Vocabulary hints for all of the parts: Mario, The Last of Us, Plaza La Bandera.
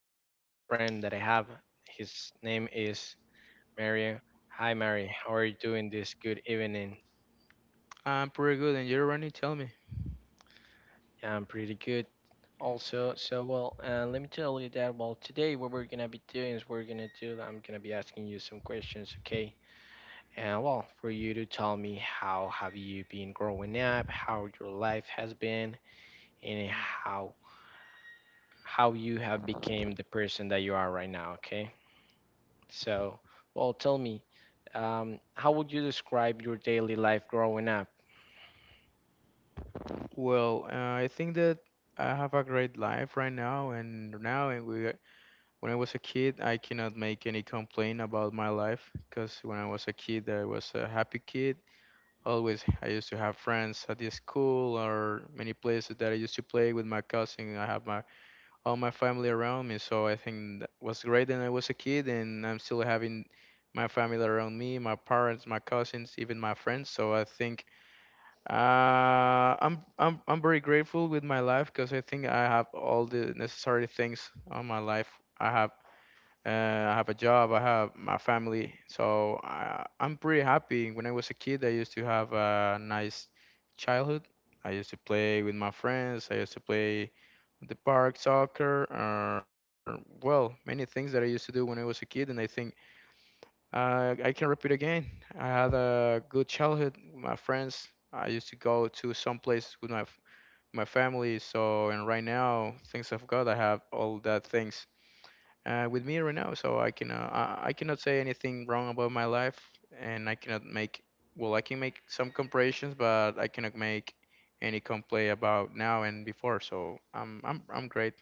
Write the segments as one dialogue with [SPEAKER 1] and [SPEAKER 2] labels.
[SPEAKER 1] an amazing friend that I have. His name is Mary. Hi, Mary. How are you doing this good evening?
[SPEAKER 2] I'm pretty good, and you, Ronnie, tell me.
[SPEAKER 1] Yeah, I'm pretty good also. Let me tell you that. Well, today what we're gonna be doing is we're gonna do. I'm gonna be asking you some questions, okay? And well, for you to tell me how have you been growing up, how your life has been, and how you have became the person that you are right now. Okay, so well, tell me, how would you describe your daily life growing up?
[SPEAKER 2] Well, I think that I have a great life right now, and now, and we, when I was a kid, I cannot make any complaint about my life, because when I was a kid, I was a happy kid. Always, I used to have friends at the school or many places that I used to play with my cousin. I have my all my family around me, so I think that was great when I was a kid, and I'm still having my family around me, my parents, my cousins, even my friends. So I think I'm very grateful with my life because I think I have all the necessary things on my life. I have I have a job, I have my family, so I'm pretty happy. When I was a kid, I used to have a nice childhood. I used to play with my friends. I used to play at the park, soccer, or well, many things that I used to do when I was a kid, and I think I can repeat again. I had a good childhood with my friends. I used to go to some place with my family. So and right now, things have got. I have all that things with me right now. So I cannot say anything wrong about my life, and I cannot make, well, I can make some comparisons, but I cannot make any complaint about now and before. So I'm great.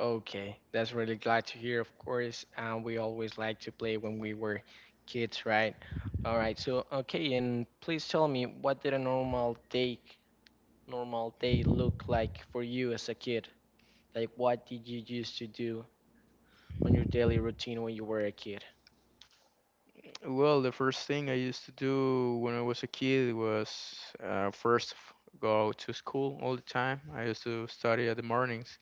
[SPEAKER 1] Okay, that's really glad to hear. Of course, we always like to play when we were kids, right? All right. So okay, and please tell me, what did a normal day look like for you as a kid? Like, what did you used to do on your daily routine when you were a kid?
[SPEAKER 2] Well, the first thing I used to do when I was a kid was first go to school all the time. I used to study at the mornings.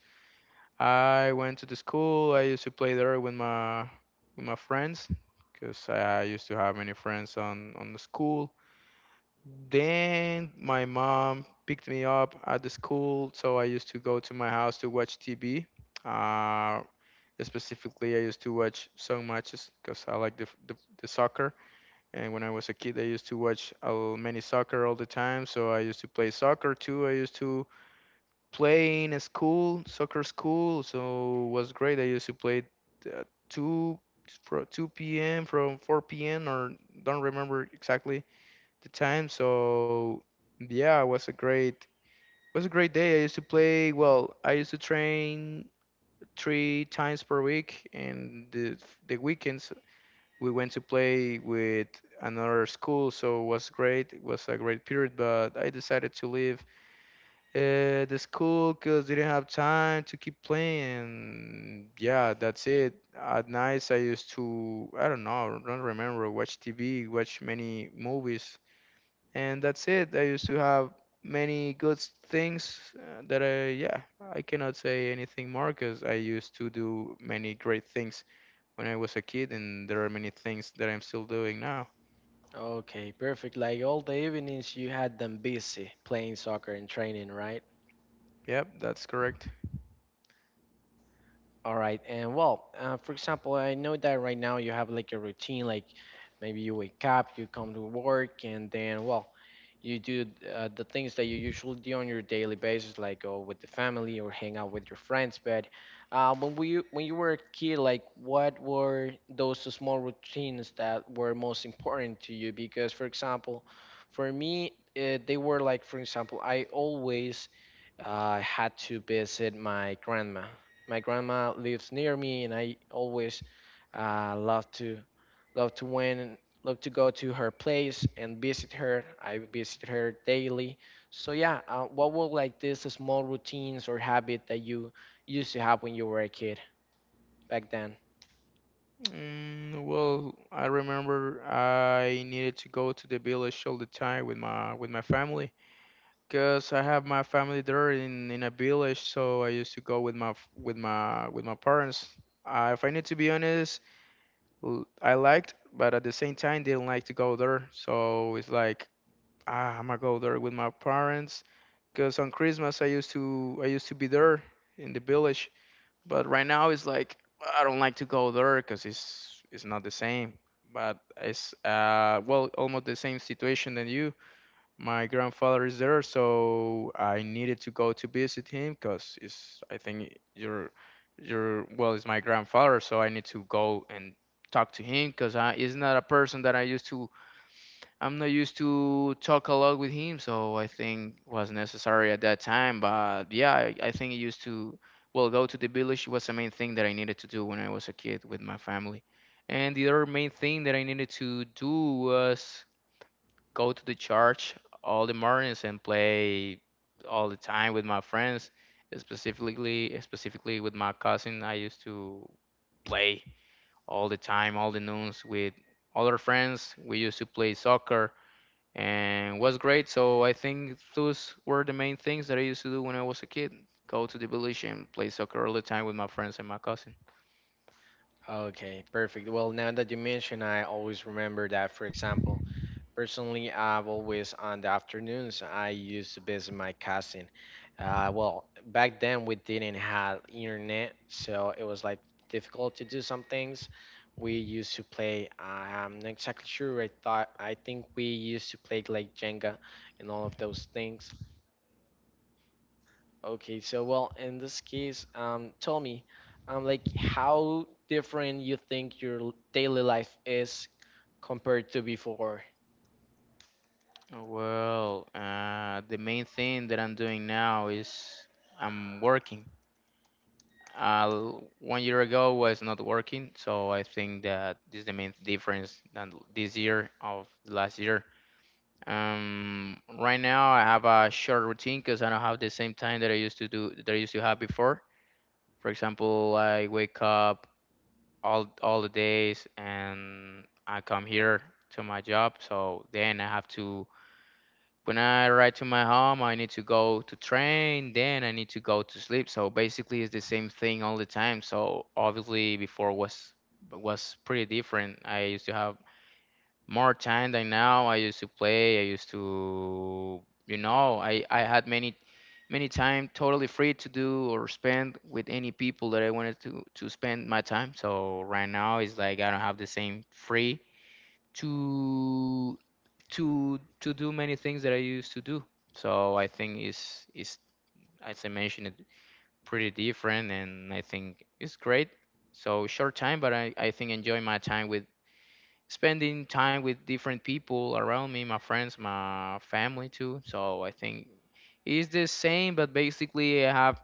[SPEAKER 2] I went to the school. I used to play there with my friends because I used to have many friends on the school. Then my mom picked me up at the school, so I used to go to my house to watch TV. Uh, Specifically, I used to watch some matches because I like the, f- the soccer. And when I was a kid, I used to watch many soccer all the time. So I used to play soccer too. I used to play in a school, soccer school. So it was great. I used to play two from 2 p.m. from 4 p.m. or don't remember exactly the time. So yeah, it was a great day. I used to play. Well, I used to train three times per week, and the weekends we went to play with another school, so it was great. It was a great period, but I decided to leave the school because didn't have time to keep playing. And yeah, that's it. At nights, I used to, I don't know, don't remember, watch TV, watch many movies, and that's it. I used to have many good things that I, yeah, I cannot say anything more because I used to do many great things when I was a kid, and there are many things that I'm still doing now.
[SPEAKER 1] Okay, perfect. Like all the evenings, you had them busy playing soccer and training, right?
[SPEAKER 2] Yep, that's correct.
[SPEAKER 1] All right. And well, for example, I know that right now you have like a routine, like maybe you wake up, you come to work, and then, well, you do the things that you usually do on your daily basis, like go with the family or hang out with your friends. But when you were a kid, like what were those small routines that were most important to you? Because, for example, for me, they were like, for example, I always had to visit my grandma. My grandma lives near me, and I always uh, love to love to went love to go to her place and visit her. I visit her daily. So yeah, what were like these small routines or habit that you used to have when you were a kid back then?
[SPEAKER 2] Well, I remember I needed to go to the village all the time with my family because I have my family there in a village, so I used to go with my f- with my parents. If I need to be honest, I liked, but at the same time didn't like to go there. So it's like, I'm gonna go there with my parents, because on Christmas I used to be there in the village. But right now it's like I don't like to go there because it's not the same. But it's, well, almost the same situation than you. My grandfather is there, so I needed to go to visit him because it's, I think, you're well, it's my grandfather, so I need to go and talk to him because he's not a person that I'm not used to talk a lot with him, so I think was necessary at that time. But yeah, I think I used to, well, go to the village was the main thing that I needed to do when I was a kid with my family. And the other main thing that I needed to do was go to the church all the mornings and play all the time with my friends, specifically with my cousin. I used to play all the time, all the noons with other friends. We used to play soccer and was great. So I think those were the main things that I used to do when I was a kid. Go to the village and play soccer all the time with my friends and my cousin.
[SPEAKER 1] Okay, perfect. Well, now that you mention, I always remember that, for example, personally, I've always on the afternoons I used to visit my cousin. Well, back then we didn't have internet, so it was like difficult to do some things. We used to play. I'm not exactly sure. I thought I think we used to play like Jenga and all of those things. Okay, so well, in this case, tell me, like how different you think your daily life is compared to before.
[SPEAKER 2] Well, the main thing that I'm doing now is I'm working. Uh, 1 year ago was not working, so I think that this is the main difference than this year of last year. Right now I have a short routine because I don't have the same time that I used to have before. For example, I wake up all the days and I come here to my job. So then I have to, when I ride to my home, I need to go to train, then I need to go to sleep. So basically it's the same thing all the time. So obviously before was pretty different. I used to have more time than now. I used to play, I used to, I had many time totally free to do or spend with any people that I wanted to spend my time. So right now it's like I don't have the same free to to do many things that I used to do. So I think it's as I mentioned it pretty different and I think it's great. So short time, but I think enjoy my time with spending time with different people around me, my friends, my family too. So I think it's the same, but basically I have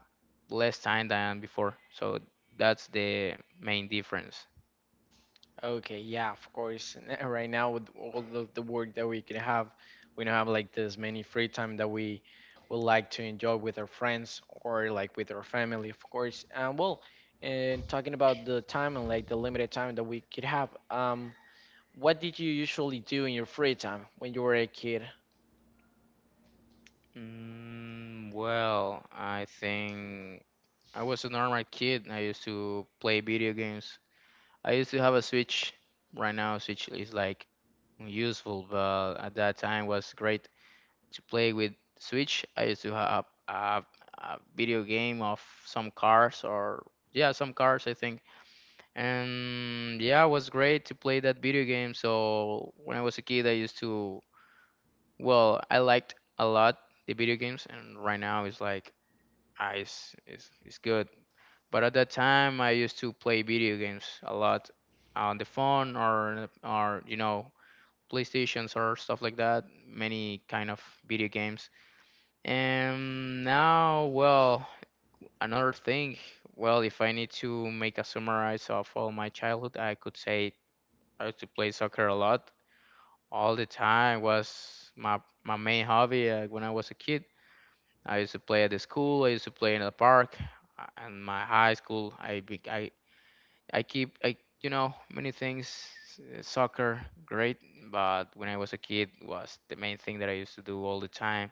[SPEAKER 2] less time than before. So that's the main difference.
[SPEAKER 1] Okay, yeah, of course. Right now, with all of the work that we could have, we don't have like this many free time that we would like to enjoy with our friends or like with our family, of course. Well, and talking about the time and like the limited time that we could have, what did you usually do in your free time when you were a kid?
[SPEAKER 2] Well, I think I was a normal kid. I used to play video games. I used to have a Switch. Right now, Switch is like useful, but at that time was great to play with Switch. I used to have a video game of some cars, or yeah, some cars I think. And yeah, it was great to play that video game. So when I was a kid, I used to, well, I liked a lot the video games, and right now it's like, it's good. But at that time, I used to play video games a lot on the phone, or PlayStations or stuff like that, many kind of video games. And now, well, another thing, well, if I need to make a summarize of all my childhood, I could say I used to play soccer a lot, all the time. Was my main hobby when I was a kid. I used to play at the school. I used to play in the park, and my high school. I be, I keep I you know many things. Soccer, great, but when I was a kid, was the main thing that I used to do all the time.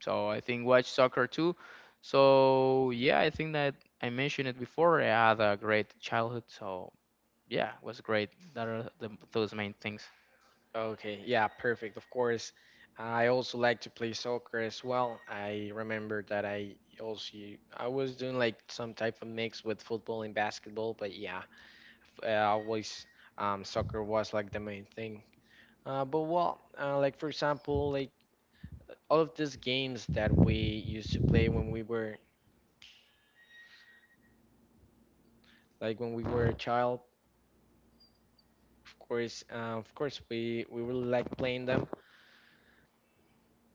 [SPEAKER 2] So I think watch soccer too. So yeah, I think that I mentioned it before. I had a great childhood. So yeah, it was great. That are those main things.
[SPEAKER 1] Okay, yeah, perfect. Of course, I also like to play soccer as well. I remember that I was doing like some type of mix with football and basketball, but yeah, always soccer was like the main thing. But well, like for example, like all of these games that we used to play when we were a child, of course we really like playing them.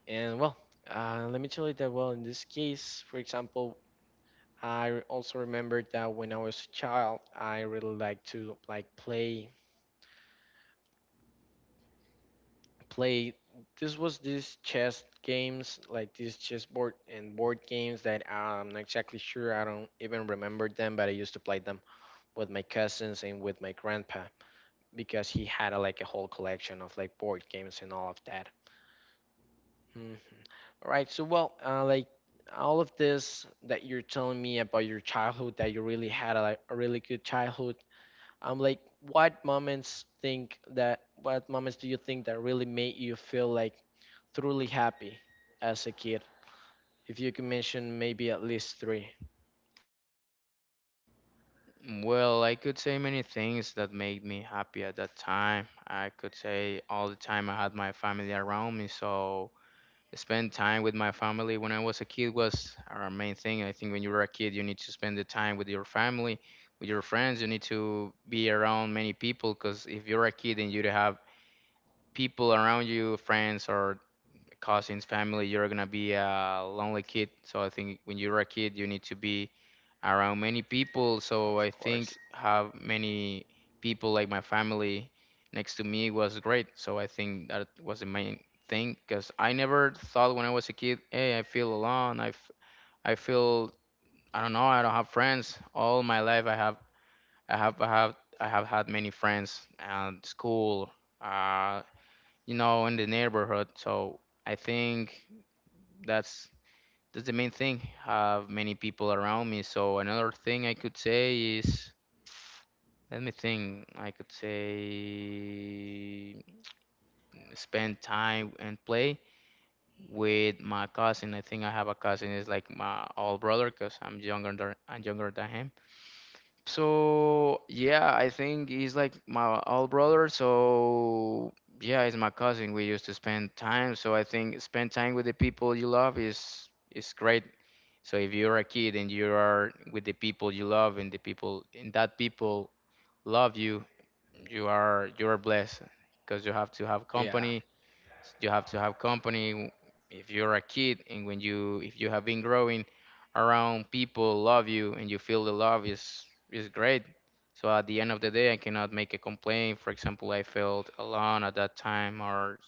[SPEAKER 1] And well, let me tell you that well in this case, for example. I also remember that when I was a child, I really liked to like play play. This was these chess games, like these chess board and board games that I'm not exactly sure. I don't even remember them, but I used to play them with my cousins and with my grandpa because he had a, like a whole collection of like board games and all of that. Mhm. All right, so well, like all of this that you're telling me about your childhood, that you really had a, like, a really good childhood. I'm like, what moments do you think that really made you feel like truly happy as a kid? If you can mention maybe at least three.
[SPEAKER 2] Well, I could say many things that made me happy at that time. I could say all the time I had my family around me, so spend time with my family when I was a kid was our main thing. I think when you were a kid, you need to spend the time with your family, with your friends. You need to be around many people because if you're a kid and you don't have people around you, friends or cousins, family, you're gonna be a lonely kid. So I think when you're a kid, you need to be around many people. So I
[SPEAKER 1] Of
[SPEAKER 2] think
[SPEAKER 1] course.
[SPEAKER 2] have many people like my family next to me was great. So I think that was the main thing because I never thought when I was a kid, hey, I feel alone. I feel, I don't know. I don't have friends. All my life I have I have I have had many friends at school, uh, in the neighborhood. So I think that's that's the main thing. Have many people around me. So another thing I could say is, let me think. I could say spend time and play with my cousin. I think I have a cousin. It's like my old brother because I'm younger than him. So yeah, I think he's like my old brother. So yeah, he's my cousin. We used to spend time. So I think spend time with the people you love is great. So if you're a kid and you are with the people you love and the people and that people love you, you are blessed because you have to have
[SPEAKER 1] Yeah.
[SPEAKER 2] company. You have to have company if you're a kid and when you if you have been growing around people love you and you feel the love is great. So at the end of the day, I cannot make a complaint. For example, I felt alone at that time or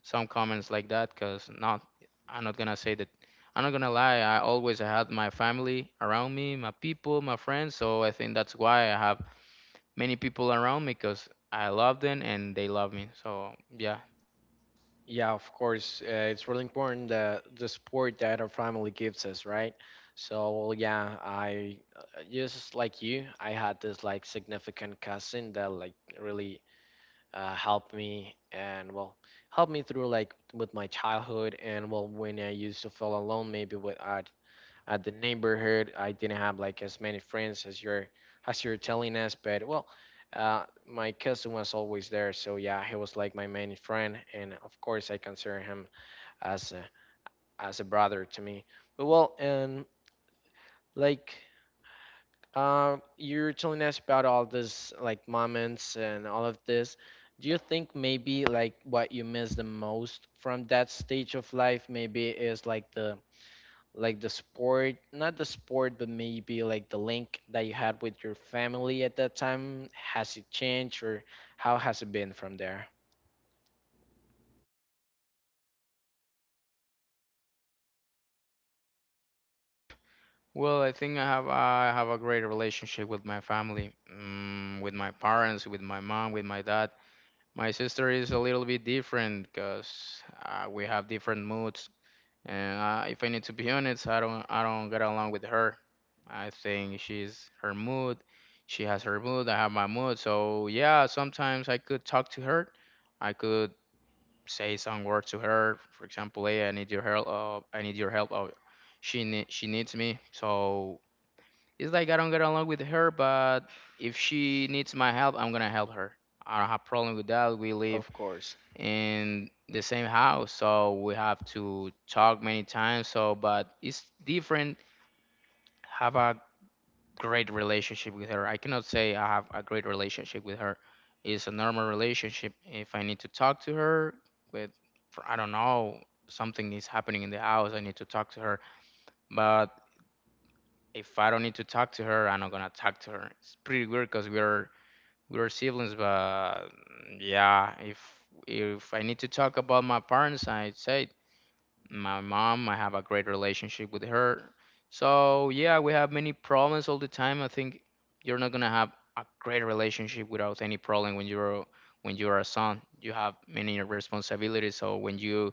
[SPEAKER 2] some comments like that because not I'm not gonna say that. I'm not gonna lie. I always had my family around me, my people, my friends. So I think that's why I have many people around me because I love them and they love me. So yeah,
[SPEAKER 1] Yeah, of course. It's really important that the support that our family gives us, right? So, yeah, I just like you, I had this like significant cousin that like really helped me, and well, helped me through like with my childhood, and well, when I used to feel alone maybe with at the neighborhood, I didn't have like as many friends as you're telling us, but well, my cousin was always there. So yeah, he was like my main friend, and of course I consider him as as a brother to me. But well, and like, you're telling us about all this like moments and all of this. Do you think maybe like what you miss the most from that stage of life maybe is like the sport? Not the sport, but maybe like the link that you had with your family at that time? Has it changed or how has it been from there?
[SPEAKER 2] well, I think I have a great relationship with my family, with my parents, with my mom, with my dad. My sister is a little bit different because we have different moods and if I need to be honest, I don't get along with her. I think she's her mood. She has her mood. I have my mood. So yeah, sometimes I could talk to her. I could say some words to her. For example, hey, I need your help. I need your help. She needs me. So it's like I don't get along with her, but if she needs my help, I'm gonna help her. I don't have problem with that. We live
[SPEAKER 1] Of course.
[SPEAKER 2] in the same house, so we have to talk many times. So, but it's different. Have a great relationship with her. I cannot say I have a great relationship with her. It's a normal relationship. If I need to talk to her with, I don't know, something is happening in the house, I need to talk to her. But if I don't need to talk to her, I'm not gonna talk to her. It's pretty weird because we're siblings, but yeah, if I need to talk about my parents, I say my mom. I have a great relationship with her. So yeah, we have many problems all the time. I think you're not gonna have a great relationship without any problem when you're a son. You have many responsibilities. So when you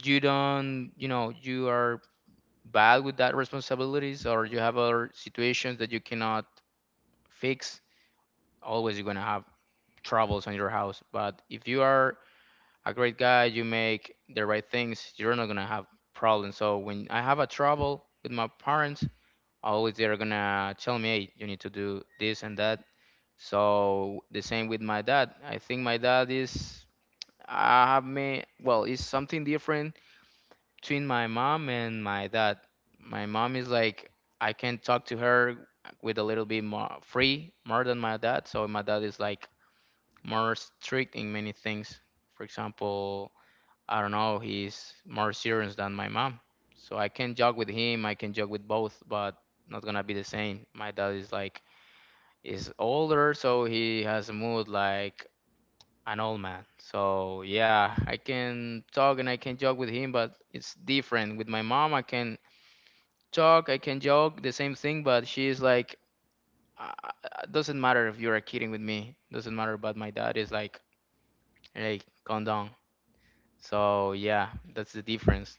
[SPEAKER 2] you don't you are bad with that responsibilities or you have other situations that you cannot fix, always you're gonna have troubles on your house. But if you are a great guy, you make the right things, you're not gonna have problems. So when I have a trouble with my parents, always they're gonna tell me, hey, you need to do this and that. So the same with my dad. I think my dad is I have me well, it's something different between my mom and my dad. My mom is like I can talk to her with a little bit more free more than my dad. So my dad is like more strict in many things. For example, I don't know, he's more serious than my mom. So I can joke with him, I can joke with both, but not gonna be the same. My dad is like is older, so he has a mood like an old man. So yeah, I can talk and I can joke with him, but it's different. With my mom, I can talk, I can joke, the same thing, but she's like, doesn't matter if you're kidding with me, doesn't matter. But my dad is like, hey, calm down. So yeah, that's the difference.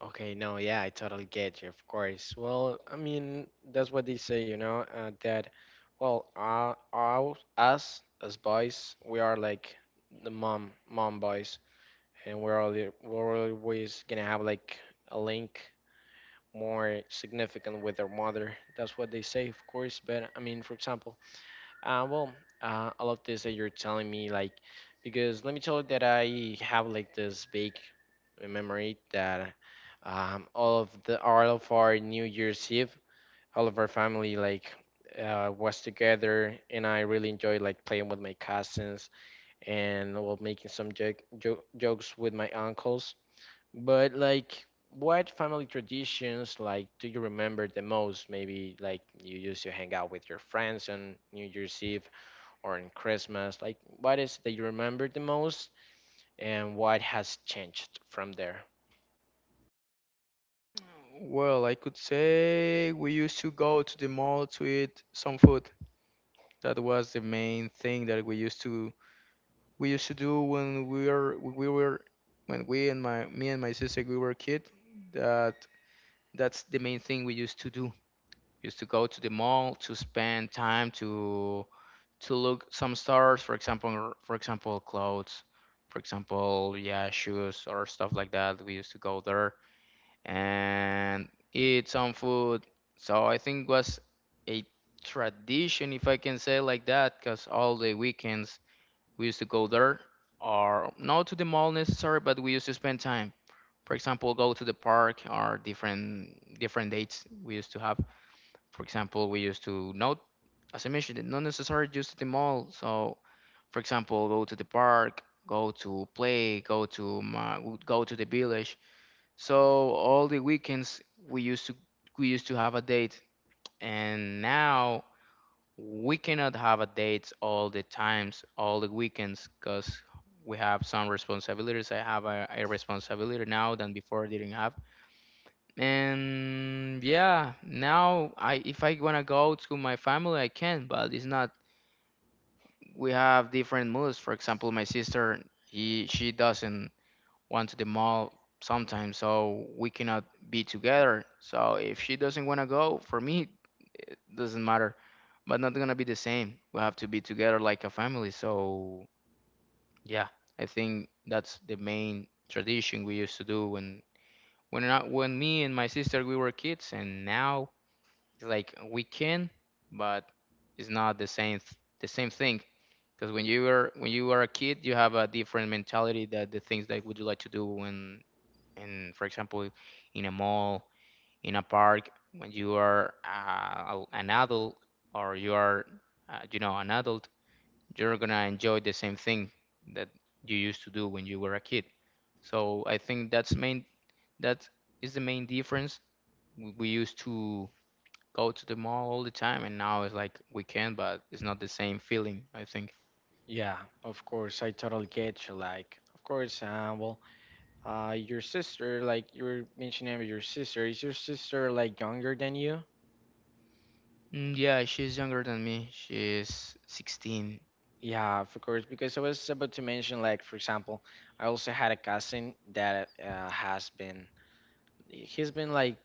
[SPEAKER 1] Okay, no, yeah, I totally get you, of course. Well, I mean, that's what they say, you know, that, well, our, us as boys, we are like the mom boys, and we're always gonna have like a link more significant with our mother. That's what they say, of course. But I mean, for example, uh, well, I love this that you're telling me, like, because let me tell you that I have like this big memory that all of the all of our New Year's Eve, all of our family like was together, and I really enjoyed like playing with my cousins and well making some jokes with my uncles. But like, what family traditions like do you remember the most? Maybe like you used to hang out with your friends on New Year's Eve or in Christmas? Like, what is that you remember the most and what has changed from there?
[SPEAKER 2] Well, I could say we used to go to the mall to eat some food. That was the main thing that we used to do when we were when we and my me and my sister we were kid. That that's the main thing we used to do. We used to go to the mall to spend time to look some stores, for example, for example, clothes, for example, yeah, shoes or stuff like that. We used to go there and eat some food. So I think was a tradition, if I can say like that, because all the weekends we used to go there, or not to the mall necessarily, but we used to spend time. For example, go to the park or different dates we used to have. For example, we used to not, as I mentioned, not necessarily just at the mall. So, for example, go to the park, go to play, go to the village. So all the weekends we used to we used to have a date, and now we cannot have a date all the times, all the weekends because we have some responsibilities. I have a responsibility now than before I didn't have. And yeah, now I if I wanna go to my family I can, but it's not we have different moods. For example, my sister he she doesn't one to the mall sometimes, so we cannot be together. So if she doesn't want to go, for me, it doesn't matter. But not gonna be the same. We have to be together like a family. So yeah, I think that's the main tradition we used to do when me and my sister we were kids, and now it's like we can, but it's not the same the same thing. Because when you were a kid, you have a different mentality that the things that would you like to do when in for example in a mall in a park when you are an adult or you are you know an adult you're gonna enjoy the same thing that you used to do when you were a kid. So I think that's main that is the main difference. We used to go to the mall all the time and now it's like we can, but it's not the same feeling, I think.
[SPEAKER 1] Yeah, of course, I totally get you. Like, of course, your sister, like you were mentioning about your sister, is your sister like younger than you?
[SPEAKER 2] Yeah, she's younger than me, she's 16.
[SPEAKER 1] Yeah, of course, because I was about to mention, like, for example, I also had a cousin that he's been like,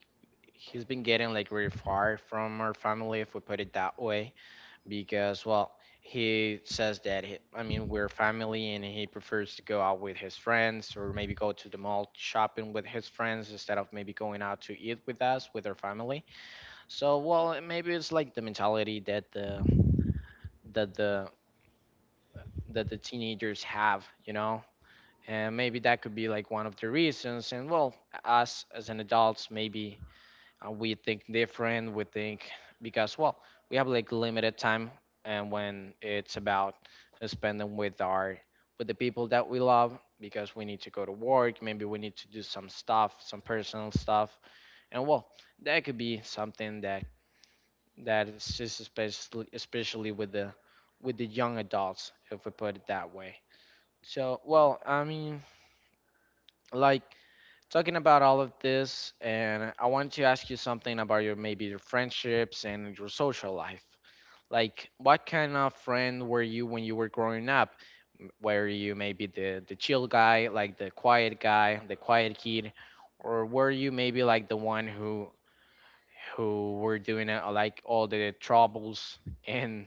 [SPEAKER 1] he's been getting like really far from our family, if we put it that way. Because well, he says that he, I mean, we're family and he prefers to go out with his friends or maybe go to the mall shopping with his friends instead of maybe going out to eat with us with our family. So well, maybe it's like the mentality that the that the that the teenagers have, you know, and maybe that could be like one of the reasons. And well, us as an adults, maybe we think different. We think because well, we have like limited time, and when it's about spending with our with the people that we love, because we need to go to work, maybe we need to do some stuff, some personal stuff, and well, that could be something that is just especially with the young adults, if we put it that way. So well, I mean, like talking about all of this, and I want to ask you something about your maybe your friendships and your social life. Like, what kind of friend were you when you were growing up? Were you maybe the chill guy, like the quiet guy, the quiet kid, or were you maybe like the one who were doing like all the troubles and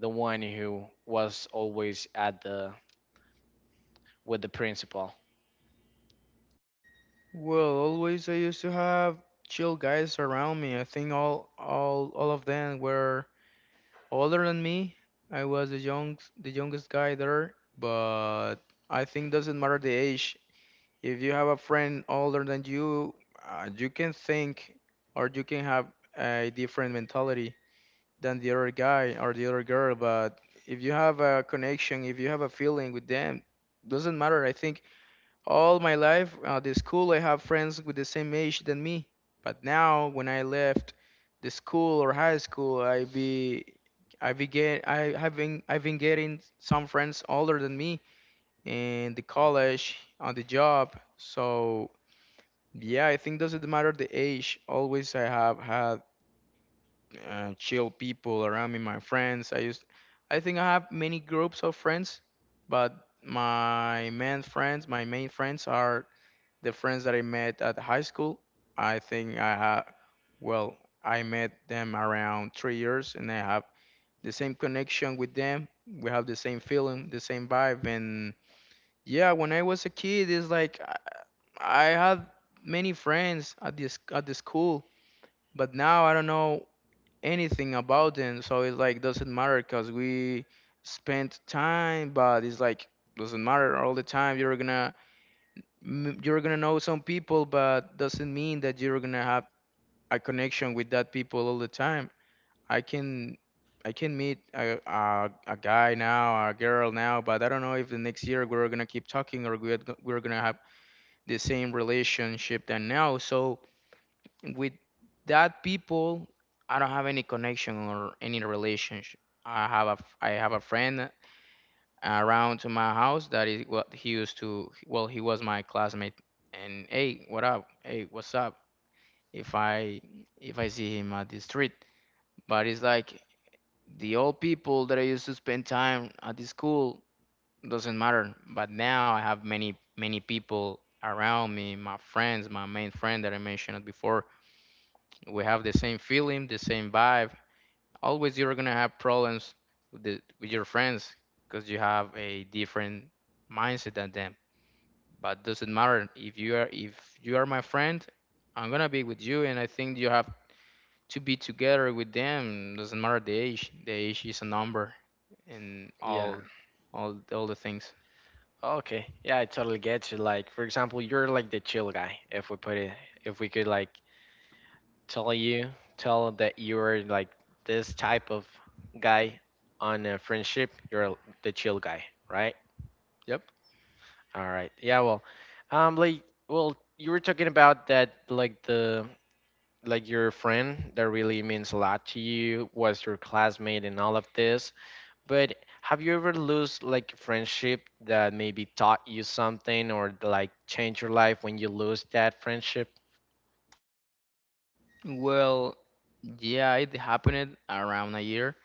[SPEAKER 1] the one who was always at the with the principal?
[SPEAKER 2] Well, always I used to have chill guys around me. I think all of them were older than me. I was the young the youngest guy there, but I think doesn't matter the age. If you have a friend older than you, you can think or you can have a different mentality than the other guy or the other girl, but if you have a connection, if you have a feeling with them, doesn't matter. I think all my life at the school, I have friends with the same age than me. But now, when I left the school or high school, I be I began I have been I've been getting some friends older than me in the college, on the job. So yeah, I think doesn't matter the age. Always I have had chill people around me, my friends. I think I have many groups of friends, but my main friends are the friends that I met at high school. I think I have, well, I met them around 3 years and I have the same connection with them. We have the same feeling, the same vibe. And yeah, when I was a kid, it's like I had many friends at this at the school, but now I don't know anything about them. So it's like doesn't matter because we spent time, but it's like doesn't matter all the time. You're gonna you're gonna know some people, but doesn't mean that you're gonna have a connection with that people all the time. I can I can meet a guy now, a girl now, but I don't know if the next year we're gonna keep talking or we're, we're gonna have the same relationship than now. So with that people, I don't have any connection or any relationship. I have I have a friend around to my house. That is what he used to. Well, he was my classmate. And hey, what up? Hey, what's up? If I see him at the street, but it's like the old people that I used to spend time at the school doesn't matter. But now I have many people around me, my friends, my main friend that I mentioned before. We have the same feeling, the same vibe. Always you're gonna have problems with with your friends because you have a different mindset than them, but doesn't matter. If you are if you are my friend, I'm gonna be with you, and I think you have to be together with them. Doesn't matter the age. The age is a number and
[SPEAKER 1] Yeah.
[SPEAKER 2] all the things.
[SPEAKER 1] Okay. Yeah, I totally get you. Like, for example, you're like the chill guy. If we could like tell you, tell that you're like this type of guy on a friendship, you're the chill guy, right?
[SPEAKER 2] Yep.
[SPEAKER 1] All right. Yeah. Well, like, well, you were talking about that, like the like your friend that really means a lot to you was your classmate and all of this. But have you ever lose like friendship that maybe taught you something or like change your life when you lose that friendship?
[SPEAKER 2] Well, yeah, it happened around a year.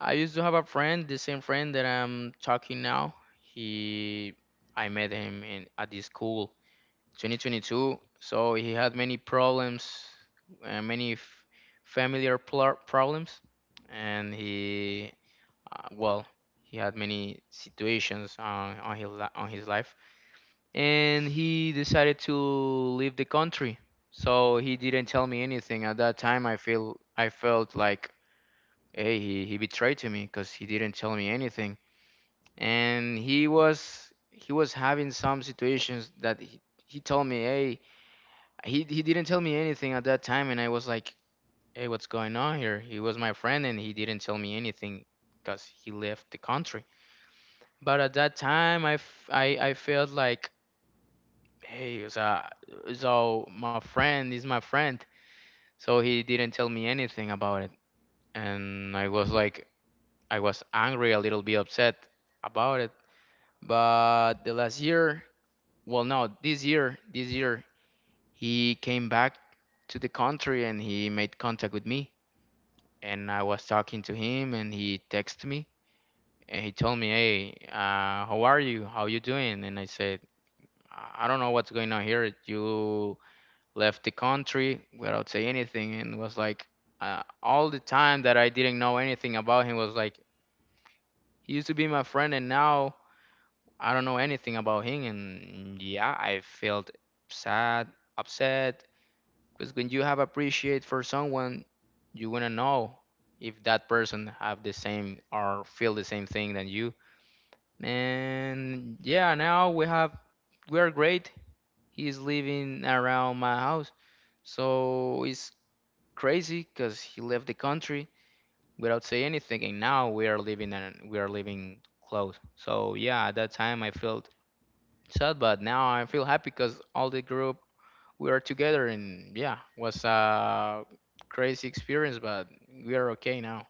[SPEAKER 2] I used to have a friend, the same friend that I'm talking now. He, I met him in at the school 2022. So he had many problems, many familiar problems, and he, well, he had many situations on his on his life, and he decided to leave the country. So he didn't tell me anything at that time. I feel I felt like, hey, he betrayed to me because he didn't tell me anything, and he was having some situations that he told me, hey, he didn't tell me anything at that time, and I was like, "Hey, what's going on here?" He was my friend, and he didn't tell me anything because he left the country. But at that time, I felt like, "Hey, so my friend is my friend," so he didn't tell me anything about it, and I was angry, a little bit upset about it. But the last year, well, no, this year, he came back to the country, and he made contact with me, and I was talking to him, and he texted me and he told me, "Hey, how are you? How you doing?" And I said, I don't know what's going on here. You left the country without saying anything." And was like, all the time that I didn't know anything about him was like, he used to be my friend and now I don't know anything about him. And yeah, I felt sad, upset. Because when you have appreciate for someone, you wanna know if that person have the same or feel the same thing than you. And yeah, now we have we are great. He's living around my house, so it's crazy because he left the country without say anything, and now we are living, and we are living close. So yeah, at that time I felt sad, but now I feel happy because all the group we are together, and yeah, was a crazy experience, but we are okay now.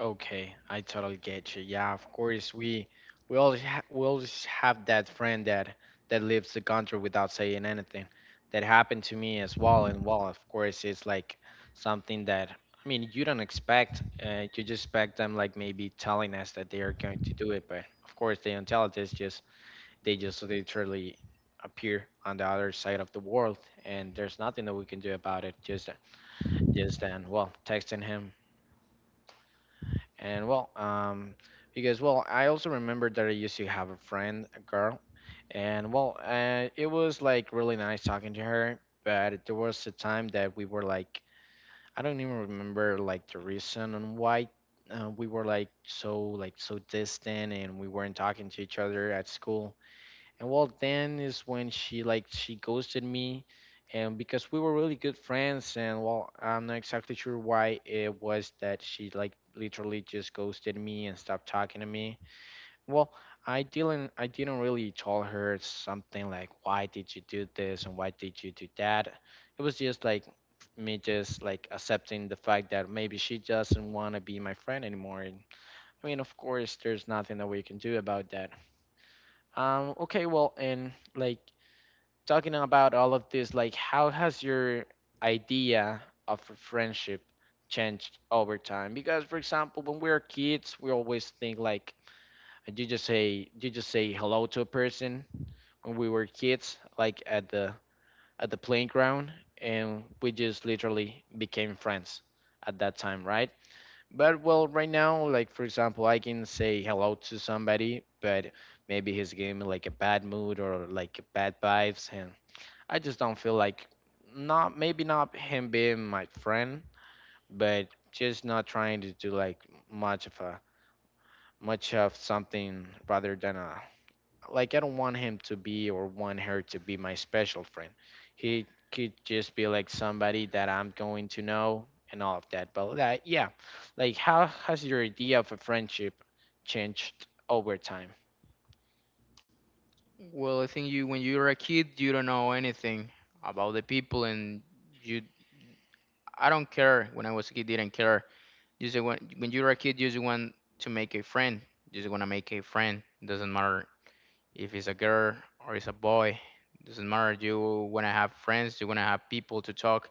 [SPEAKER 1] Okay, I totally get you. Yeah, of course we always ha we always have that friend that that leaves the country without saying anything. That happened to me as well, and well, of course it's like something that I mean you don't expect. You just expect them like maybe telling us that they are going to do it, but of course they don't tell it. It's just They just literally appear on the other side of the world, and there's nothing that we can do about it. Texting him, and I also remember that I used to have a friend, a girl, and it was like really nice talking to her, but there was a time that we were like, I don't even remember like the reason on why we were like so so distant and we weren't talking to each other at school. And well, then is when she ghosted me, and because we were really good friends, and well, I'm not exactly sure why it was that she like literally just ghosted me and stopped talking to me. Well, I didn't really tell her something like why did you do this and why did you do that. It was just like me just like accepting the fact that maybe she doesn't want to be my friend anymore. And I mean, of course, there's nothing that we can do about that. Okay, well, and like talking about all of this, like how has your idea of a friendship changed over time? Because for example, when we are kids, we always think like you just say hello to a person when we were kids, like at the playground, and we just literally became friends at that time, right? But well, right now, like for example, I can say hello to somebody, but maybe he's giving me like a bad mood or like bad vibes, and I just don't feel like not maybe not him being my friend, but just not trying to do like much of a much of something rather than a like I don't want him to be or want her to be my special friend. He could just be like somebody that I'm going to know and all of that. But that, yeah, like how has your idea of a friendship changed over time?
[SPEAKER 2] Well, I think you, when you're a kid, you don't know anything about the people and you, I don't care. When I was a kid, didn't care. You just when you're a kid, you just want to make a friend. You just want to make a friend. Doesn't matter if it's a girl or it's a boy. Doesn't matter. You want to have friends. You want to have people to talk.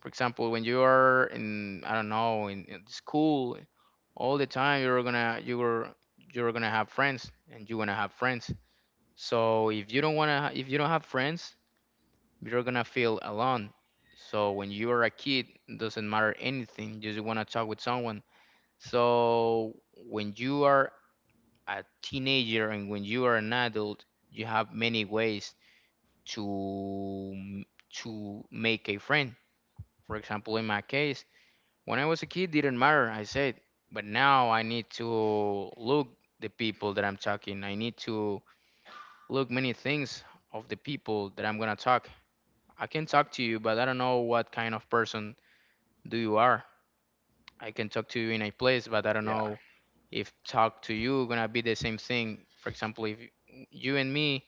[SPEAKER 2] For example, when you are in, I don't know, in school, all the time you're gonna you're gonna have friends, and you wanna have friends. So if you don't wanna, if you don't have friends, you're gonna feel alone. So when you're a kid, doesn't matter anything. You just wanna talk with someone. So when you are a teenager and when you are an adult, you have many ways to make a friend. For example, in my case, when I was a kid, didn't matter, I said, but now I need to look the people that I'm talking. I need to look many things of the people that I'm gonna talk. I can talk to you, but I don't know what kind of person do you are. I can talk to you in a place, but I don't
[SPEAKER 1] Yeah,
[SPEAKER 2] know if talk to you gonna be the same thing. For example, if you and me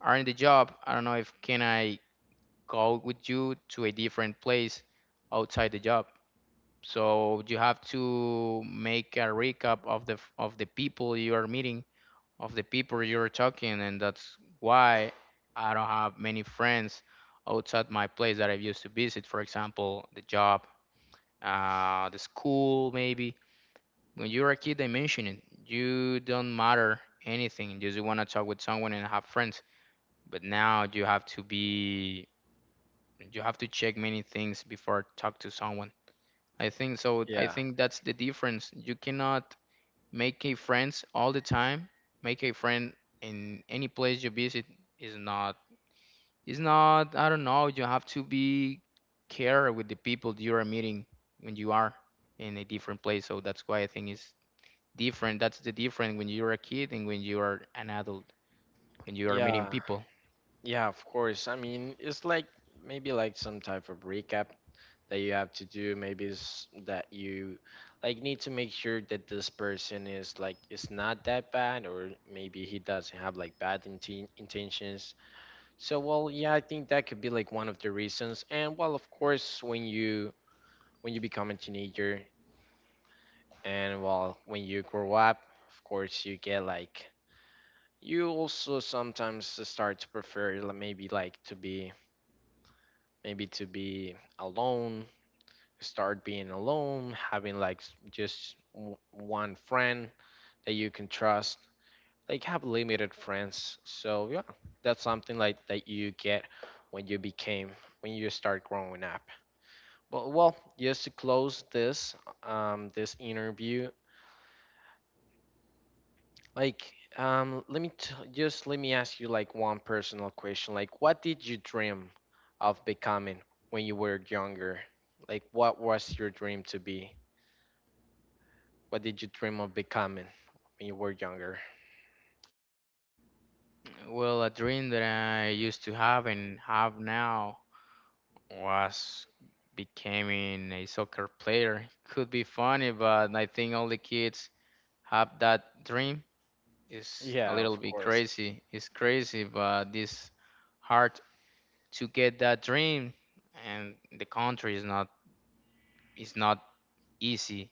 [SPEAKER 2] are in the job, I don't know if can I go with you to a different place outside the job. So you have to make a recap of the people you are meeting, of the people you're talking, and that's why I don't have many friends outside my place that I used to visit. For example, the job, the school, maybe. When you're a kid, I mention it. You don't matter anything. You just want to talk with someone and have friends. But now you have to be, you have to check many things before talk to someone. I think so. I
[SPEAKER 1] yeah,
[SPEAKER 2] think that's the difference. You cannot make a friends all the time. Make a friend in any place you visit is not, is not, I don't know, you have to be care with the people you are meeting when you are in a different place. So that's why I think it's different. That's the different when you're a kid and when you are an adult, when you are meeting
[SPEAKER 1] yeah,
[SPEAKER 2] people.
[SPEAKER 1] yeah, of course. I mean, it's like maybe like some type of recap that you have to do maybe is that you like need to make sure that this person is not that bad or maybe he doesn't have like bad intentions. So well, yeah, I think that could be like one of the reasons. And well, of course, when you become a teenager and well when you grow up, of course you get like you also sometimes start to prefer like, maybe to be alone, start being alone, having like one friend that you can trust, like have limited friends. So yeah, that's something like that you get when you start growing up. But well, just to close this interview, like let me just let me ask you like one personal question. Like what did you dream of becoming when you were younger? Like what was your dream to be? What did you dream of becoming when you were younger?
[SPEAKER 2] Well, a dream that I used to have and have now was becoming a soccer player. Could be funny, but I think all the kids have that dream. Is a
[SPEAKER 1] Yeah,
[SPEAKER 2] little
[SPEAKER 1] of
[SPEAKER 2] bit
[SPEAKER 1] course.
[SPEAKER 2] crazy. It's crazy, but it's hard to get that dream, and the country is not, is not easy.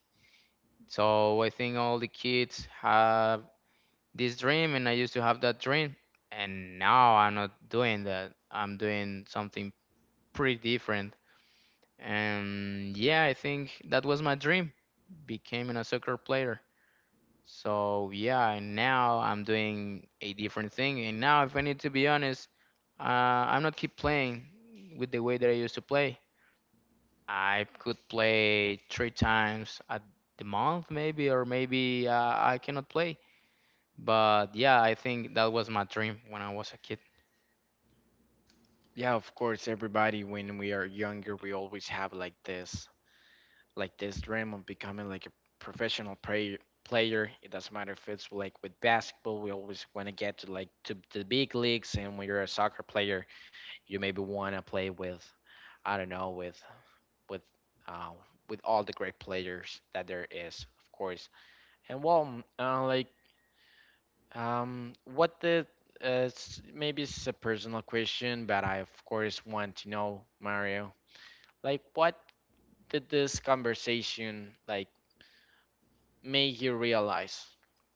[SPEAKER 2] So I think all the kids have this dream, and I used to have that dream, and now I'm not doing that. I'm doing something pretty different. And yeah, I think that was my dream, becoming a soccer player. So yeah, and now I'm doing a different thing. And now, if I need to be honest, uh, I'm not keep playing with the way that I used to play. I could play three times at the month, maybe, or maybe I cannot play. But yeah, I think that was my dream when I was a kid.
[SPEAKER 1] Yeah, of course. Everybody, when we are younger, we always have like this dream of becoming like a professional player. It doesn't matter if it's like with basketball, we always want to get to the big leagues. And when you're a soccer player, you maybe want to play with, I don't know, with with uh, with all the great players that there is, of course. And well, like Um, what the maybe it's a personal question, but I of course want to know, Mario. Like, what did this conversation like make you realize?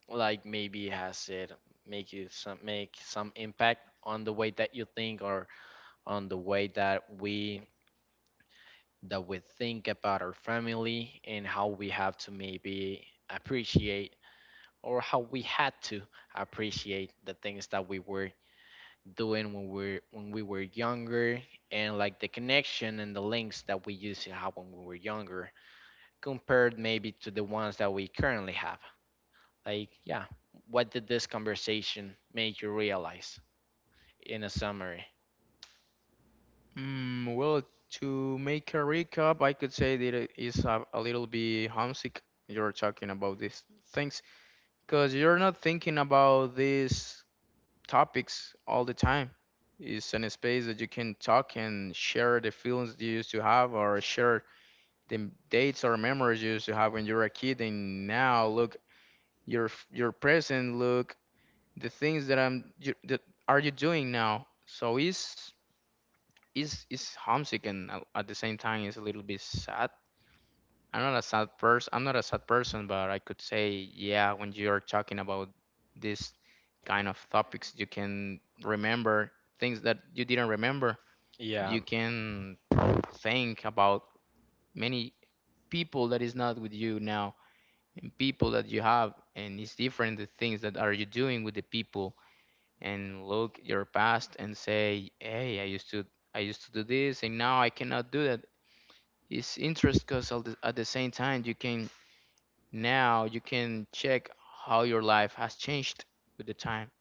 [SPEAKER 1] Like, maybe has it make you some make some impact on the way that you think or on the way that we think about our family and how we have to maybe appreciate or how we had to appreciate the things that we were doing when we were younger and like the connection and the links that we used to have when we were younger compared maybe to the ones that we currently have, like yeah, what did this conversation make you realize in a summary?
[SPEAKER 2] Well, to make a recap, I could say that it is a little bit homesick. You're talking about these things because you're not thinking about this topics all the time. It's an space that you can talk and share the feelings you used to have or share the dates or memories you used to have when you were a kid, and now look your present, look the things that I'm you, that are you doing now. So it's it's homesick and at the same time it's a little bit sad. I'm not a sad person. I'm not a sad person, but I could say, yeah, when you're talking about this kind of topics, you can remember things that you didn't remember.
[SPEAKER 1] Yeah,
[SPEAKER 2] You can think about many people that is not with you now and people that you have, and it's different the things that are you doing with the people, and look your past and say, hey, I used to do this and now I cannot do that. It's interest because at the same time you can, now you can check how your life has changed with the time.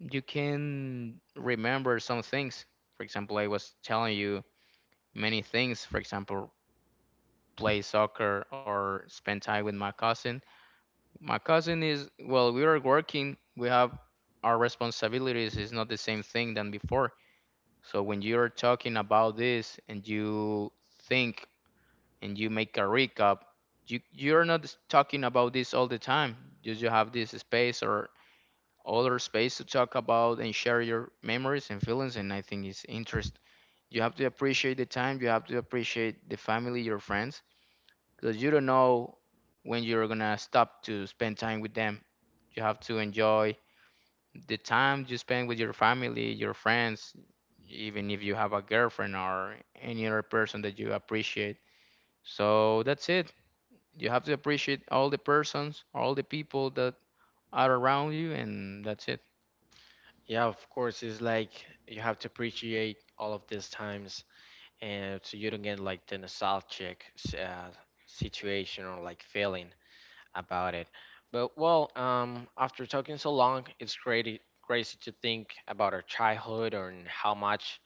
[SPEAKER 2] You can remember some things. For example, I was telling you many things. For example, play soccer or spend time with my cousin. My cousin is, well, we are working, we have our responsibilities, it's not the same thing than before. So when you're talking about this and you think and you make a recap, you, you're not talking about this all the time. You just have this space or other space to talk about and share your memories and feelings. And I think it's interest. You have to appreciate the time. You have to appreciate the family, your friends, because you don't know when you're gonna stop to spend time with them. You have to enjoy the time you spend with your family, your friends, even if you have a girlfriend or any other person that you appreciate. So that's it. You have to appreciate all the persons, all the people that are around you, and that's it.
[SPEAKER 1] yeah, of course. It's like you have to appreciate all of these times and so you don't get like the nostalgic uh, situation or like feeling about it. But well, after talking so long, it's crazy to think about our childhood and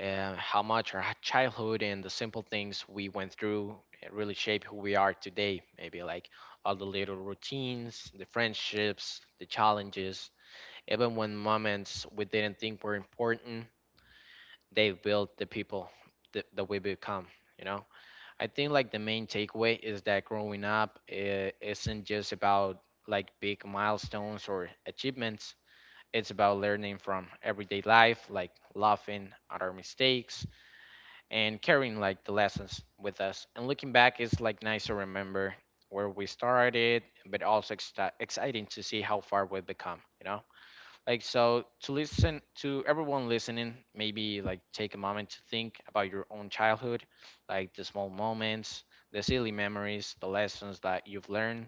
[SPEAKER 1] how much our childhood and the simple things we went through really shape who we are today. Maybe like all the little routines, the friendships, the challenges, even when moments we didn't think were important, they built the people that, we become, you know? I think like the main takeaway is that growing up is isn't just about like big milestones or achievements. It's about learning from everyday life, like laughing at our mistakes and carrying like the lessons with us. And looking back, it's like nice to remember where we started, but also exciting to see how far we've become, you know? Like so to listen to everyone listening, maybe like take a moment to think about your own childhood, like the small moments, the silly memories, the lessons that you've learned,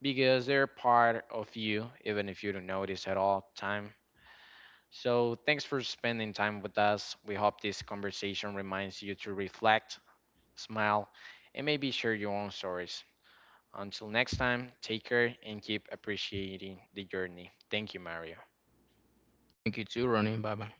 [SPEAKER 1] because they're part of you even if you don't notice at all time. So thanks for spending time with us. We hope this conversation reminds you to reflect, smile, and maybe share your own stories. Until next time, take care and keep appreciating the journey. Thank you, Mario.
[SPEAKER 2] Thank you too, Ronnie. Bye bye.